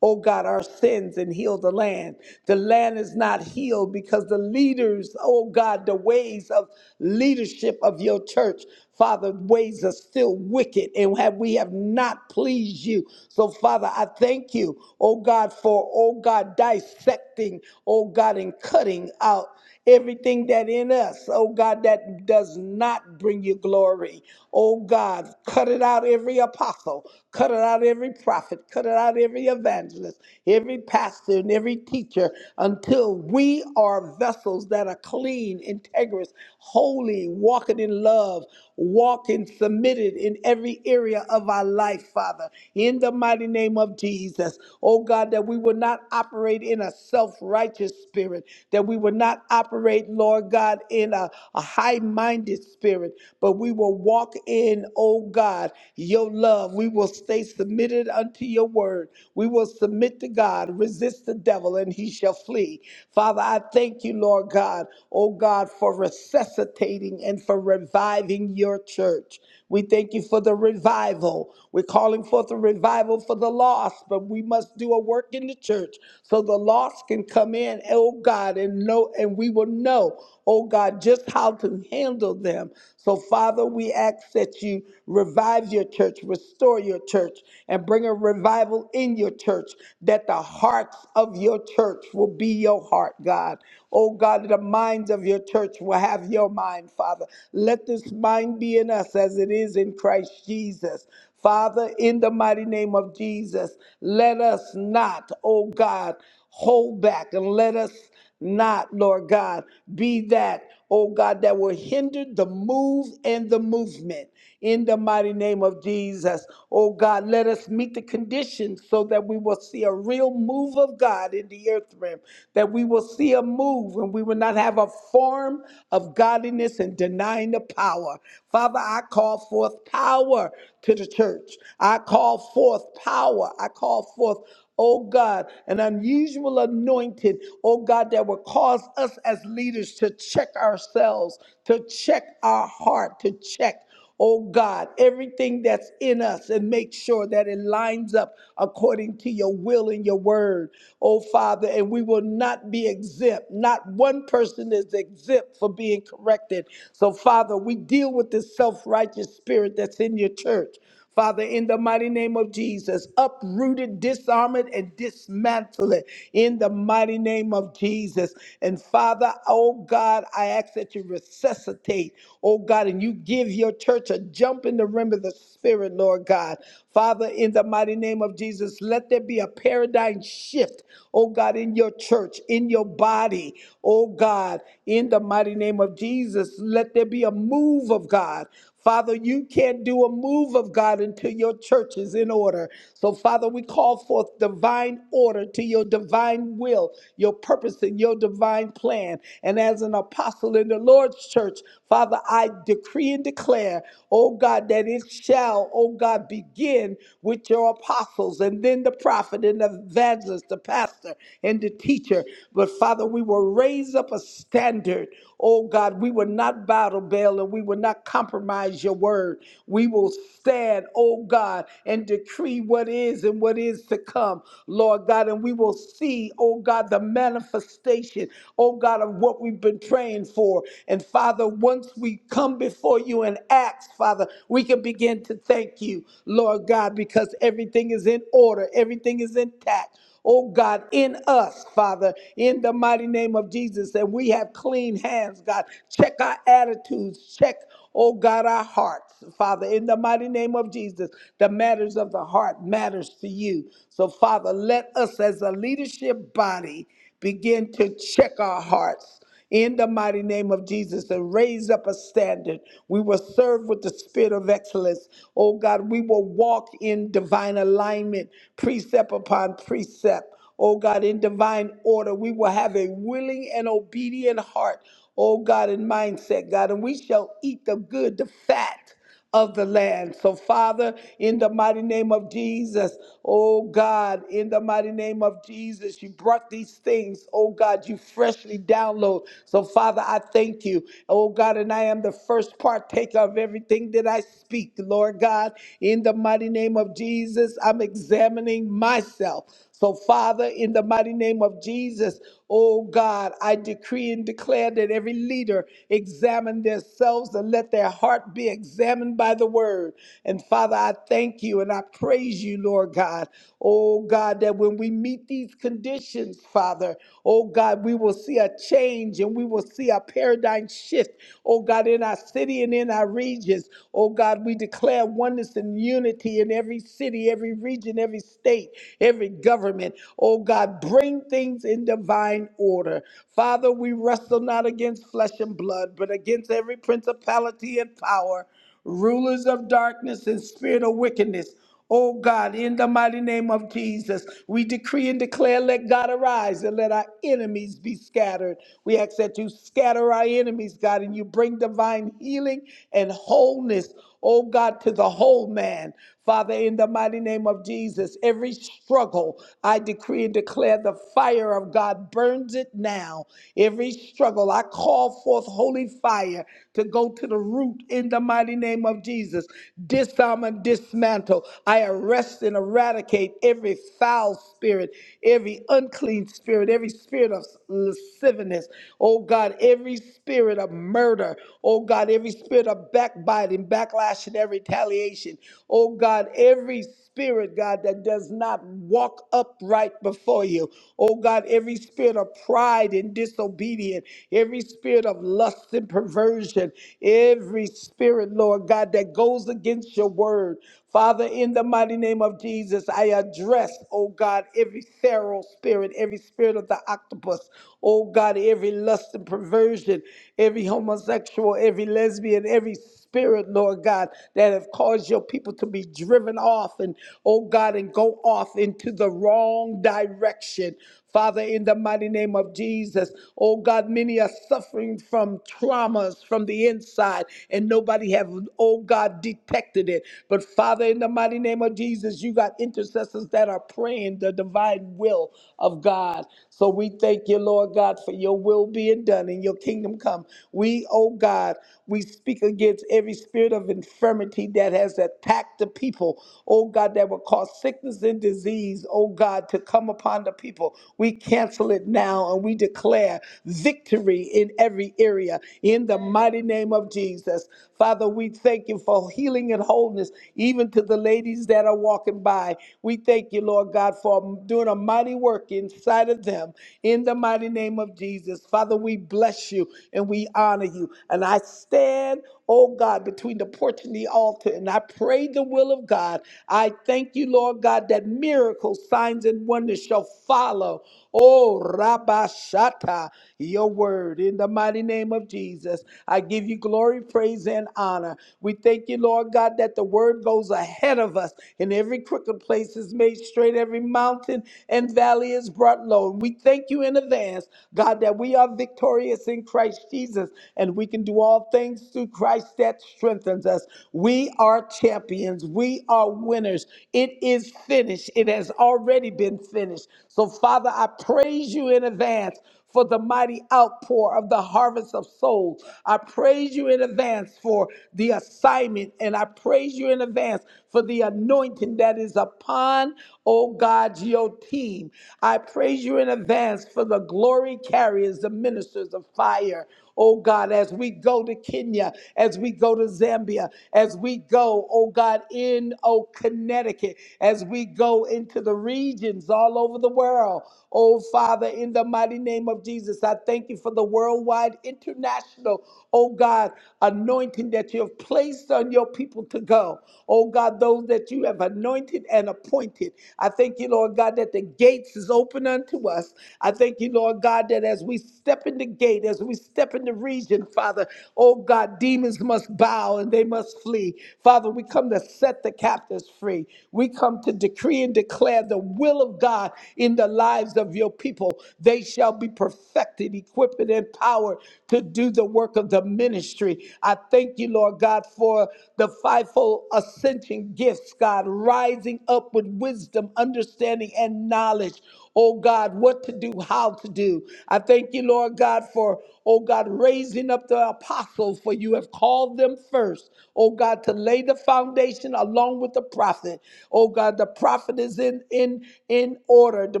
O God, our sins and heal the land. The land is not healed because the leaders, O God, the ways of leadership of your church Father, ways are still wicked and have, we have not pleased you. So, Father, I thank you, oh God, for, oh God, dissecting, oh God, and cutting out everything that in us, oh God, that does not bring you glory. Oh God, cut it out every apostle, cut it out every prophet, cut it out every evangelist, every pastor, and every teacher until we are vessels that are clean, integrous, holy, walking in love walking submitted in every area of our life, Father, in the mighty name of Jesus. Oh God, that we will not operate in a self righteous spirit, that we will not operate, Lord God, in a, a high minded spirit, but we will walk in, oh God, your love. We will stay submitted unto your word. We will submit to God, resist the devil, and he shall flee. Father, I thank you, Lord God, oh God, for resuscitating and for reviving reviving your church. We thank you for the revival. We're calling forth a revival for the lost, but we must do a work in the church so the lost can come in, oh God, and know and we will know, oh God, just how to handle them. So Father, we ask that you revive your church, restore your church, and bring a revival in your church, that the hearts of your church will be your heart, God. Oh God, the minds of your church will have your mind, Father. Let let this mind be in us as it is in Christ Jesus. Father, in the mighty name of Jesus, let us not, oh God, hold back and let us not, Lord God, be that, oh God, that will hinder the move and the movement. In the mighty name of Jesus, oh God, let us meet the conditions so that we will see a real move of God in the earth realm, that we will see a move and we will not have a form of godliness and deny divine power. Father, I call forth power to the church. I call forth power. I call forth, oh God, an unusual anointing, oh God, that will cause us as leaders to check ourselves, to check our heart, to check. Oh God, everything that's in us and make sure that it lines up according to your will and your word. Oh Father, and we will not be exempt. Not one person is exempt for being corrected. So Father, we deal with this self righteous spirit that's in your church. Father, in the mighty name of Jesus, uproot it, disarm it, and dismantle it in the mighty name of Jesus. And Father, oh God, I ask that you resuscitate, oh God, and you give your church a jump in the rim of the Spirit, Lord God. Father, in the mighty name of Jesus, let there be a paradigm shift, oh God, in your church, in your body, oh God, in the mighty name of Jesus. Let there be a move of God. Father, you can't do a move of God until your church is in order. So, Father, we call forth divine order to your divine will, your purpose, and your divine plan. And as an apostle in the Lord's church, Father, I decree and declare, oh God, that it shall, oh God, begin with your apostles and then the prophet and the evangelist, the pastor and the teacher. But, Father, we will raise up a standard. Oh God, we will not battle Baal and we will not compromise your word. We will stand, oh God, and decree what is and what is to come, Lord God. And we will see, oh God, the manifestation, oh God, of what we've been praying for. And Father, once we come before you and ask, Father, we can begin to thank you, Lord God, because everything is in order, everything is intact oh God, in us, Father, in the mighty name of Jesus, that we have clean hands, God. Check our attitudes, check, oh God, our hearts, Father, in the mighty name of Jesus. The matters of the heart matters to you. So, Father, let us as a leadership body begin to check our hearts in the mighty name of Jesus and raise up a standard. We will serve with the spirit of excellence. Oh God, we will walk in divine alignment, precept upon precept. Oh God, in divine order, we will have a willing and obedient heart. Oh God, in mindset, God, and we shall eat the good, the fat of the land. So, Father, in the mighty name of Jesus, oh God, in the mighty name of Jesus, you brought these things, oh God, you freshly download. So, Father, I thank you, oh God, and I am the first partaker of everything that I speak, Lord God, in the mighty name of Jesus. I'm examining myself. So, Father, in the mighty name of Jesus, oh God, I decree and declare that every leader examine themselves and let their heart be examined by the word. And Father, I thank you and I praise you, Lord God. Oh God, that when we meet these conditions, Father, oh God, we will see a change and we will see a paradigm shift, oh God, in our city and in our regions. Oh God, we declare oneness and unity in every city, every region region, every state, every government. Oh God, bring things in divine order. Father, we wrestle not against flesh and blood, but against every principality and power, rulers of darkness and spirit of wickedness. Oh God, in the mighty name of Jesus, we decree and declare, let God arise and let our enemies be scattered. We ask that you scatter our enemies, God, and you bring divine healing and wholeness oh God, to the whole man. Father, in the mighty name of Jesus, every struggle, I decree and declare the fire of God burns it now. Every struggle, I call forth holy fire to go to the root in the mighty name of Jesus. Disarm and dismantle. I arrest and eradicate every foul spirit, every unclean spirit, every spirit of lasciviousness. Oh God, every spirit of murder. Oh God, every every spirit of backbiting, backlash, and every retaliation. Oh God, every spirit, God, that does not walk upright before you. Oh God, every spirit of pride and disobedience, every spirit of lust and perversion, every spirit, Lord God, that goes against your word. Father, in the mighty name of Jesus, I address, oh God, every feral spirit, every spirit of the octopus, oh God, every lust and perversion, every every homosexual, every lesbian, every spirit, Lord God, that have caused your people to be driven off and, oh God, and go off into the wrong direction. Father, in the mighty name of Jesus, oh God, many are suffering from traumas from the inside and nobody have, oh God, detected it. But Father, in the mighty name of Jesus, you got intercessors that are praying the divine will of God. So we thank you, Lord God, for your will being being done and your kingdom come. We, oh God, we speak against every spirit of infirmity that has attacked the people, oh God, that will cause sickness and disease, oh God, to come upon the people. We cancel it now and we declare victory in every area in the mighty name of Jesus. Father, we thank you for healing and wholeness, even to the ladies that are walking by. We thank you, Lord God, for doing a mighty work inside of them In in the mighty name of Jesus. Father, we bless you and we honor you. And I stand, oh God, between the porch and the altar, and I pray the will of God. I thank you, Lord God, that miracles, signs, and wonders shall follow. Oh, Rabba Shatta, your word in the mighty name of Jesus. I give you glory, praise, and honor. We thank you, Lord God, that the word goes ahead of us, and every crooked place is made straight, every mountain and valley valley is brought low. And we thank you in advance, God, that we are victorious in Christ Jesus and we can do all things through Christ that strengthens us. We are champions. We are winners. It is finished. It has already been finished. So, Father, I praise you in advance for the mighty outpour of the harvest of souls. I praise you in advance for the assignment, and I praise you in advance for the anointing that is upon, oh God, your team. I praise you in advance for the glory carriers, the ministers of fire oh God, as we go to Kenya, as we go to Zambia, as we go, oh God, in, oh Connecticut, as we go into the regions all over the world, oh Father, in the mighty name of Jesus, I thank you for the worldwide international, oh God, anointing that you have placed on your people to go. Oh God, those that you have anointed and appointed. I thank you, Lord God, that the gates is open unto us. I thank you, Lord God. Lord God, that as we step in the gate, as we step in the region, Father, oh God, demons must bow and they must flee. Father, we come to set the captives free. We come to decree and declare the will of God in the lives of your people. They shall be perfected, equipped, and empowered to do the work of the ministry. I thank you, Lord God, for the fivefold ascension gifts, God, rising up with wisdom, understanding, and knowledge knowledge, oh God, what to do, how to do. I thank you, Lord God, for, oh God, raising up the apostles, for you have called them first, oh God, to lay the foundation along with the prophet. Oh God, the prophet is in in in order. The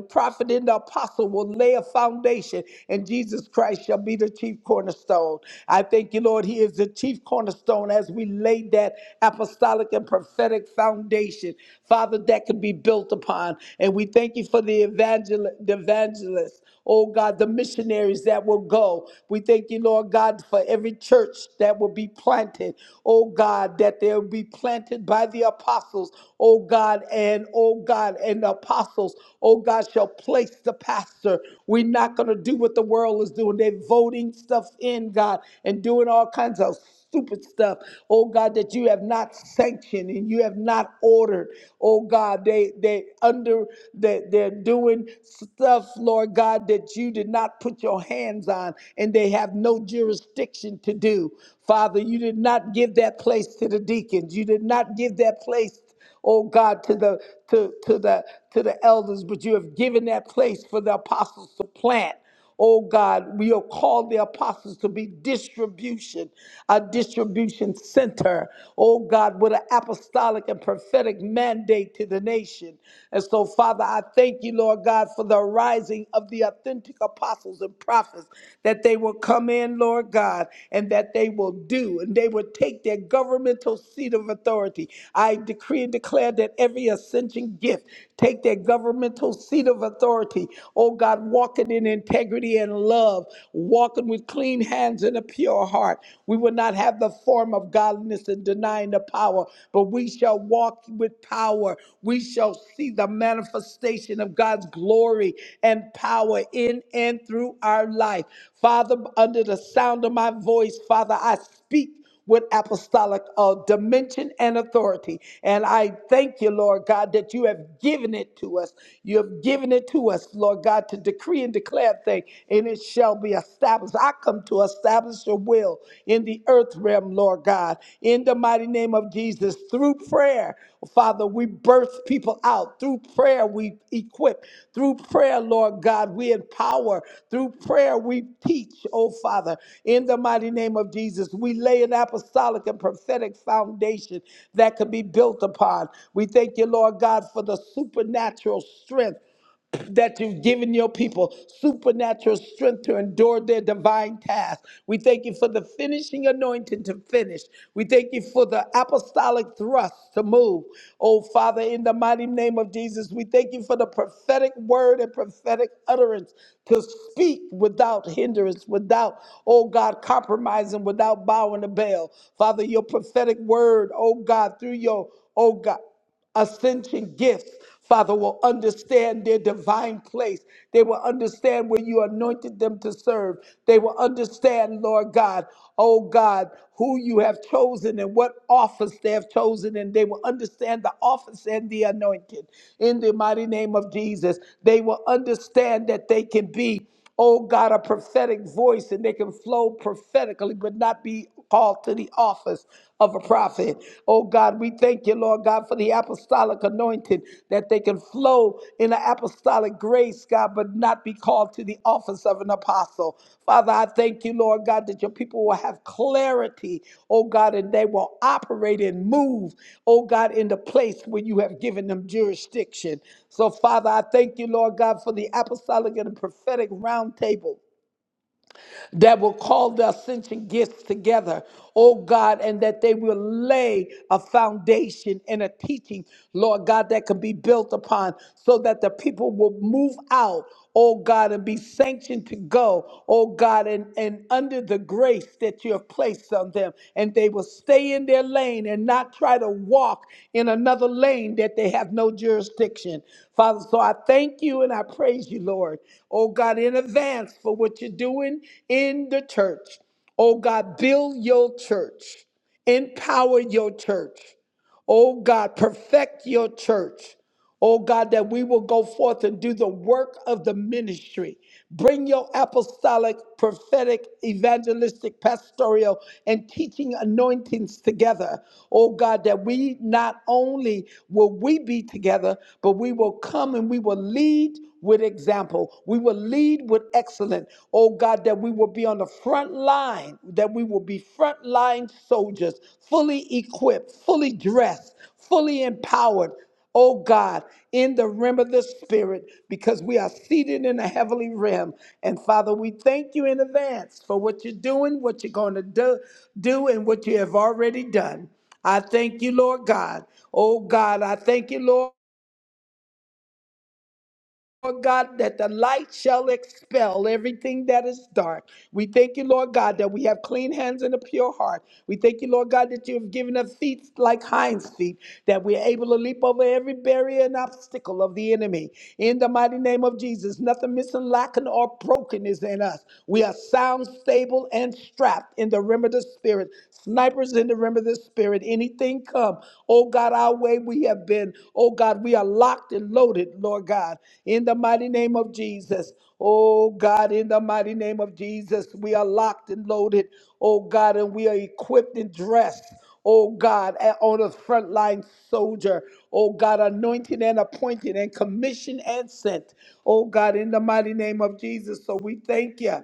prophet and the apostle will lay a foundation, and Jesus Christ shall be the chief cornerstone. I thank you, Lord, He is the chief cornerstone as we lay that apostolic and prophetic foundation. Father, what that could be built upon. And we thank you for the, evangel- the evangelists, oh God, the missionaries that will go. We thank you, Lord God, for every church that will be planted, oh God, that they'll be planted by the apostles, oh God, and oh God, and the apostles, oh God, shall place the pastor. We're not going to do what the world is doing. They're voting stuff in, God, and doing all kinds of stupid stuff, oh God, that you have not sanctioned and you have not ordered. Oh God, they they under they, they're doing stuff, Lord God, that you did not put your hands on and they have no jurisdiction to do. Father, you did not give that place to the deacons. You did not give that place oh God, to the to to the to the elders, but you have given that place for the apostles to plant. Oh God, we are called the apostles to be distribution, a distribution center. Oh God, with an apostolic and prophetic mandate to the nation. And so, Father, I thank you, Lord God, for the rising of the authentic apostles and prophets, that they will come in, Lord God, and that they will do, and they will take their governmental seat of authority. I decree and declare that every ascension gift Take that governmental seat of authority. Oh God, walking in integrity and love, walking with clean hands and a pure heart. We will not have the form of godliness and denying the power, but we shall walk with power. We shall see the manifestation of God's glory and power in and through our life. Father, under the sound of my voice, Father, I speak with apostolic uh, dimension and authority. And I thank you, Lord God, that you have given it to us. You have given it to us, Lord God, to decree and declare things, and it shall be established. I come to establish your will in the earth realm, Lord God, in the mighty name of Jesus, through prayer. Father, we birth people out. Through prayer, we equip. Through prayer, Lord God, we empower. Through prayer, we teach, oh Father. In the mighty name of Jesus, we lay an apostolic and prophetic foundation that can be built upon. We thank you, Lord God, for the supernatural strength that you've given your people supernatural strength to endure their divine task. We thank you for the finishing anointing to finish. We thank you for the apostolic thrust to move. Oh, Father, in the mighty name of Jesus, we thank you for the prophetic word and prophetic utterance to speak without hindrance, without, oh God, compromising, without bowing the bell. Father, your prophetic word, oh God, through your, oh God ascension gifts, Father, will understand their divine place. They will understand where you anointed them to serve. They will understand, Lord God, oh God, who you have chosen and what office they have chosen, and they will understand the office and the anointing. In the mighty name of Jesus, they will understand that they can be oh God, a prophetic voice and they can flow prophetically but not be called to the office of a prophet. Oh God, we thank you, Lord God, for the apostolic anointing that they can flow in the apostolic grace, God, but not be called to the office of of an apostle. Father, I thank you, Lord God, that your people will have clarity, oh God, and they will operate and move, oh God, in the place where you have given them jurisdiction. So, Father, I thank you, Lord God, for the apostolic and prophetic roundtable that will call the ascension gifts together, oh God, and that they will lay a foundation and a teaching, Lord God, that can be built upon so that the people will move out, oh God, and be sanctioned to go, oh God, and, and under the grace that that you have placed on them, and they will stay in their lane and not try to walk in another lane that they have no jurisdiction. Father, so I thank you and I praise you, Lord. Oh God, in advance for what you're doing in the church. Oh God, build your church, empower your church. Oh God, perfect your church. Oh God, that we will go forth and do the work of the ministry. Bring your apostolic, prophetic, evangelistic, pastoral, and teaching anointings together. Oh God, that we not only will we be together, but we will come and we will lead with example. We will lead with excellence. Oh God, that we will be on the front line, that we will be front line soldiers, fully equipped, fully dressed, fully empowered. Oh God, in the realm of the Spirit, because we are seated in the heavenly realm. And Father, we thank you in advance for what you're doing, what you're going to do, do, and what you have already done. I thank you, Lord God. Oh God, I thank you, Lord. Lord God, that the light shall expel everything that is dark. We thank you, Lord God, that we have clean hands and a pure heart. We thank you, Lord God, that you have given us feet like hinds feet, that we are able to leap over every barrier and obstacle of the enemy. In the mighty name of Jesus, nothing missing, lacking, or broken is in us. We are sound, stable, and strapped in the rim of the spirit. Snipers in the rim of the spirit. Anything anything come, oh God, our way we have been, oh God, we are locked and loaded, Lord God, in the mighty name of Jesus. Oh God, in the mighty name of Jesus, we are locked and loaded, oh God, and we are equipped and dressed oh God, a- on a frontline soldier, oh God, anointed and appointed and commissioned and sent, oh God, in the mighty name of Jesus. So we thank you.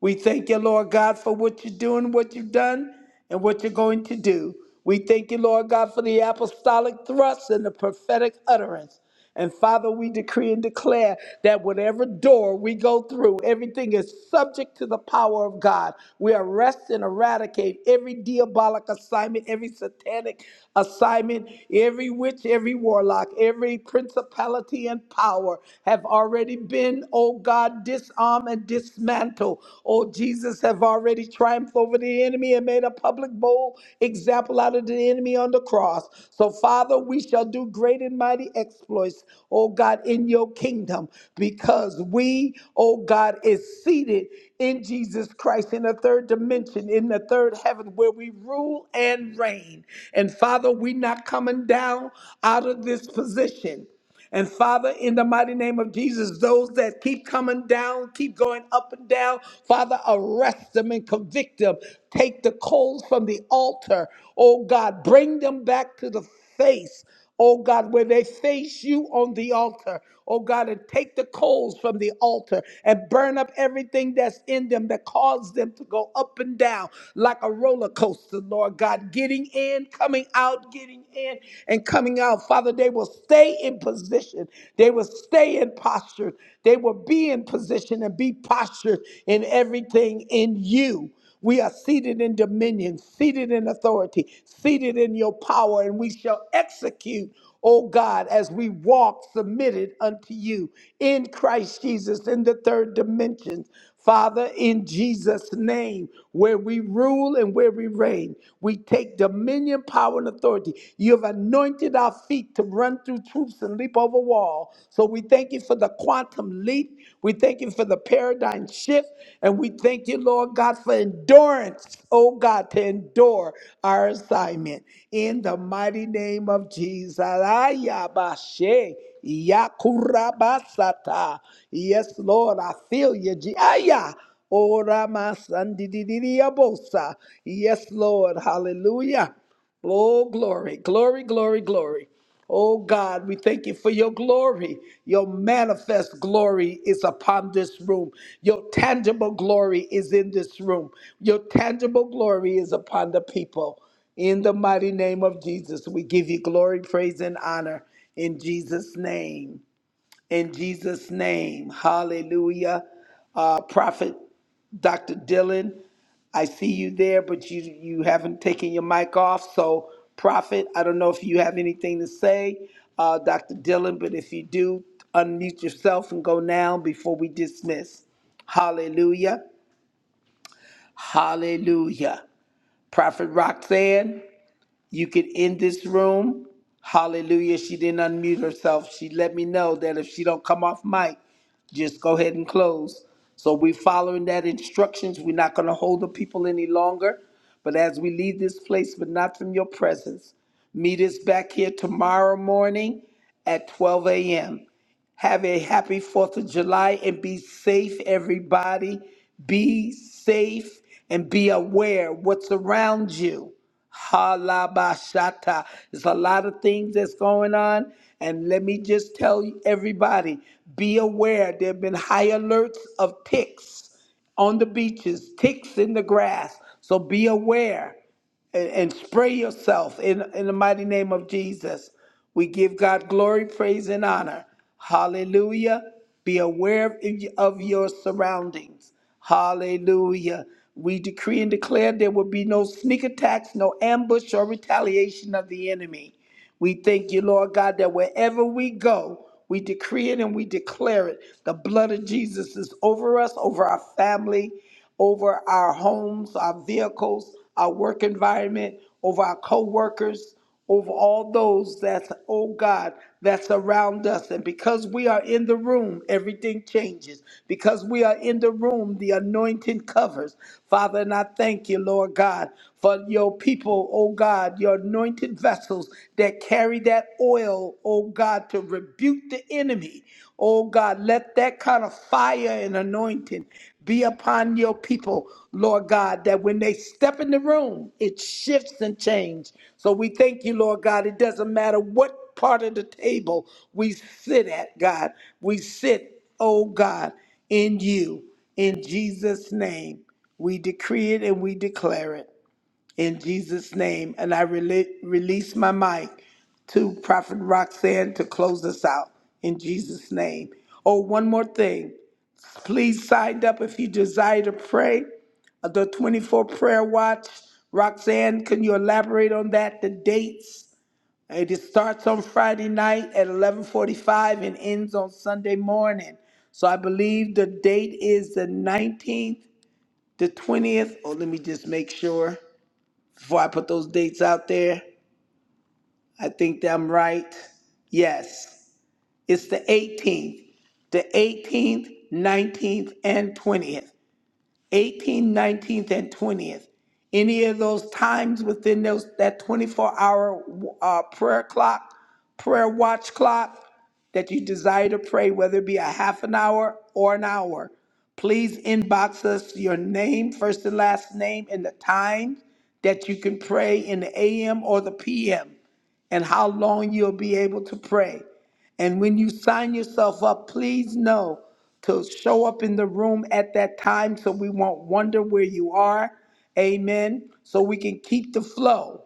We thank you, Lord God, for what you're doing, what you've done, and what you're going to do. We thank you, Lord God, for the apostolic thrust and the prophetic utterance. And Father, we decree and declare that whatever door we go through, everything is subject to the power of God. We arrest and eradicate every diabolic assignment, every satanic assignment. Every witch, every warlock, every principality and power have already been, oh God, disarmed and dismantled. Oh Jesus, have already triumphed over the enemy and made a public bold example out of the enemy on the cross. So, Father, we shall do great and mighty exploits, oh God, in your kingdom, because we, oh God, is seated in Jesus Christ, in the third dimension, in the third heaven, where we rule and reign. And Father, we're not coming down out of this position. And Father, in the mighty name of Jesus, those that keep coming down, keep going up and down, Father, arrest them and convict them. Take the coals from the altar, oh God, bring them back to the face, oh God, where they face you on the altar, oh God, and take the coals from the altar and burn up everything that's in them that caused them to go up and down like a roller coaster, Lord God, getting in, coming out, getting in, and coming out. Father, they will stay in position, they will stay in posture, they will be in position and be postured in everything in you. We are seated in dominion, seated in authority, seated in your power, and we shall execute, O God, as we walk submitted unto you in Christ Jesus in the third dimension. Father, in Jesus' name, where we rule and where we reign, we take dominion, power, and authority. You have anointed our feet to run through troops and leap over over wall. So we thank you for the quantum leap. We thank you for the paradigm shift. And we thank you, Lord God, for endurance, oh God, to endure our assignment. In the mighty name of Jesus. Ayabashe, yakurabasata. Yes, Lord, I feel you. Je- Aya. Ora masandidididiobosa. Yes, Lord. Hallelujah. Oh, glory, glory, glory, glory. Oh, God, we thank you for your glory. Your manifest glory is upon this room. Your tangible glory is in this room. Your tangible glory is upon the people. In the mighty name of Jesus, we give you glory, praise, and honor. In Jesus' name in Jesus' name. Hallelujah. Uh, Prophet Dr. Dylan, I see you there, but you, you haven't taken your mic off. So, Prophet, I don't know if you have anything to say, uh, Dr. Dylan, but if you do, unmute yourself and go now before we dismiss. Hallelujah. Hallelujah. Prophet Roxanne you could end this room. Hallelujah. She didn't unmute herself. She let me know that if she don't come off mic, just go ahead and close. So we're following that instructions. We're not going to hold the people any longer. But as we leave this place, but not from your presence, meet us back here tomorrow morning at 12 a.m. Have a happy 4th of July and be safe, everybody. Be safe and be aware what's around you. Halabashata. There's a lot of things that's going on. And let me just tell you, everybody be aware there have been high alerts of ticks on the beaches, ticks in the grass. So be aware and, and spray yourself in, in the mighty name of Jesus. We give God glory, praise, and honor. Hallelujah. Be aware of, of your surroundings. Hallelujah. We decree and declare there will be no sneak attacks, no ambush, or retaliation of the enemy. We thank you, Lord God, that wherever we go, we decree it and we declare it. The blood of Jesus is over us, over our family, over our homes, our vehicles, our work environment, over our co workers, over all those that, oh God, that's around us. And because we are in the room, everything changes. Because we are in the room, the anointing covers. Father, and I thank you, Lord God, for your people, oh God, your anointed vessels that carry that oil, oh God, to rebuke the enemy. Oh God, let that kind of fire and anointing be upon your people, Lord God, that when they step in the room, it shifts and changes. So we thank you, Lord God. It doesn't matter what part of the table we sit at, God. We sit, oh God, in you. In Jesus' name, we decree it and we declare it. In Jesus' name. And I rele- release my mic to Prophet Roxanne to close us out. In Jesus' name. Oh, one more thing. Please sign up if you desire to pray. Uh, The 24 prayer watch. Roxanne, can you elaborate on that? The dates? It starts on Friday night at 11:45 and ends on Sunday morning. So I believe the date is the 19th, the 20th. Oh, let me just make sure before I put those dates out there. I think that I'm right. Yes, it's the 18th, the 18th, 19th, and 20th. 18th, 19th, and 20th. Any of those times within those that 24 hour uh, prayer clock, prayer watch clock that you desire to pray, whether it be a half an hour or an hour, please inbox us your name, first and last name, and the time that you can pray in the AM or the PM and how long you'll be able to pray. And when you sign yourself up, please know to show up in the room at that time so we won't wonder where you are. Amen. So we can keep the flow.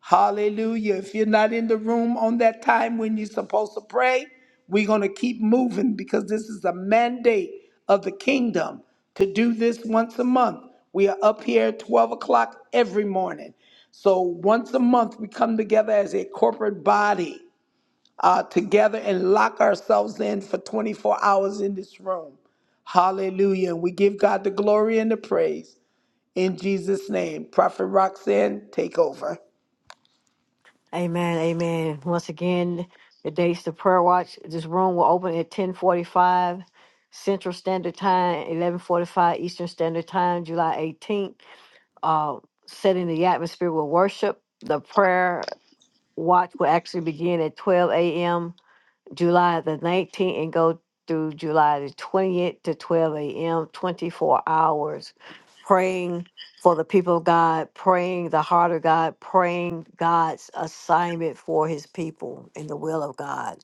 Hallelujah. If you're not in the room on that time when you're supposed to pray, we're going to keep moving because this is a mandate of the kingdom to do this once a month. We are up here at 12 o'clock every morning. So once a month, we come together as a corporate body uh, together and lock ourselves in for 24 hours in this room. Hallelujah. And we give God the glory and the praise. In Jesus' name, Prophet Roxanne, take over. Amen. Amen. Once again, the dates the prayer watch. This room will open at ten forty five Central Standard Time, eleven forty five Eastern Standard Time, July eighteenth. uh, setting the atmosphere with worship. The prayer watch will actually begin at 12 a.m. July the 19th and go through July the 20th to 12 a.m., 24 hours, praying for the people of God, praying the heart of God, praying God's assignment for his people in the will of God.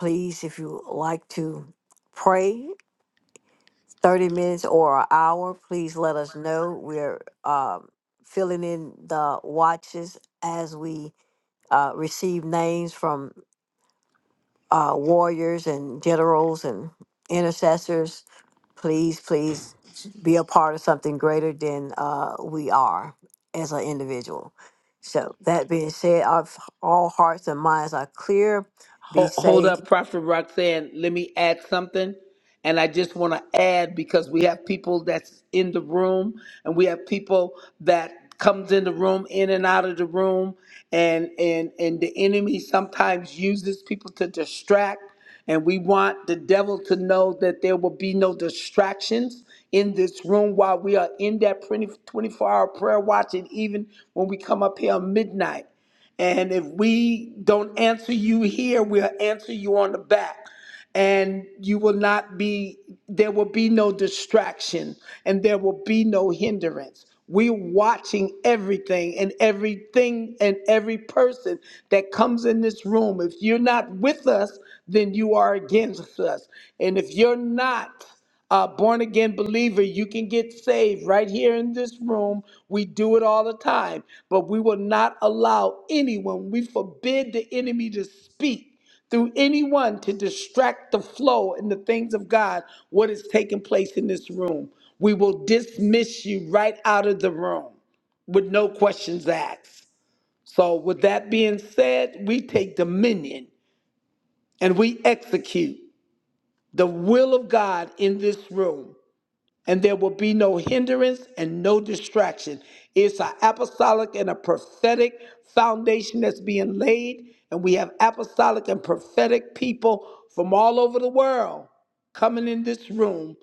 Please, if you like to pray, 30 minutes or an hour, please let us know. We're um, filling in the watches as we uh, receive names from uh, warriors and generals and intercessors. Please, please be a part of something greater than uh, we are as an individual. So, that being said, our, all hearts and minds are clear. Be Ho- Hold safe. up, Prophet Roxanne. Let me add something. And I just want to add because we have people that's in the room and we have people that comes in the room, in and out of the room. And, and, and the enemy sometimes uses people to distract. And we want the devil to know that there will be no distractions in this room while we are in that 24 hour prayer watch and even when we come up here at midnight. And if we don't answer you here, we'll answer you on the back. And you will not be, there will be no distraction and there will be no hindrance. We're watching everything and everything and every person that comes in this room. If you're not with us, then you are against us. And if you're not, a born again believer, you can get saved right here in this room. We do it all the time, but we will not allow anyone, we forbid the enemy to speak through anyone to distract the flow in the things of God, what is taking place in this room. We will dismiss you right out of the room with no questions asked. So, with that being said, we take dominion and we execute the will of God in this room and there will be no hindrance and no distraction. It's an apostolic and a prophetic foundation that's being laid, and we have apostolic and prophetic people from all over the world coming in this room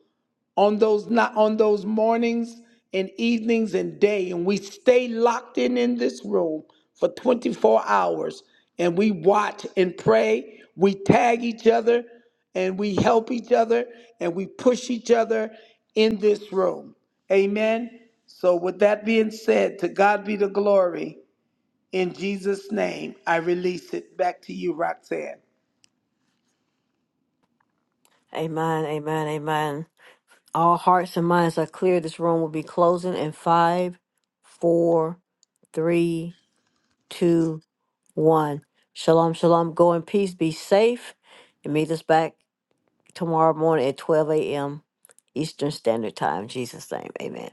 on those not on those mornings and evenings and day and we stay locked in in this room for 24 hours and we watch and pray we tag each other and we help each other and we push each other in this room amen so with that being said to god be the glory in jesus name i release it back to you roxanne Amen, amen, amen. All hearts and minds are clear. This room will be closing in five, four, three, two, one. Shalom, shalom. Go in peace. Be safe. And meet us back tomorrow morning at 12 a.m. Eastern Standard Time. In Jesus' name. Amen.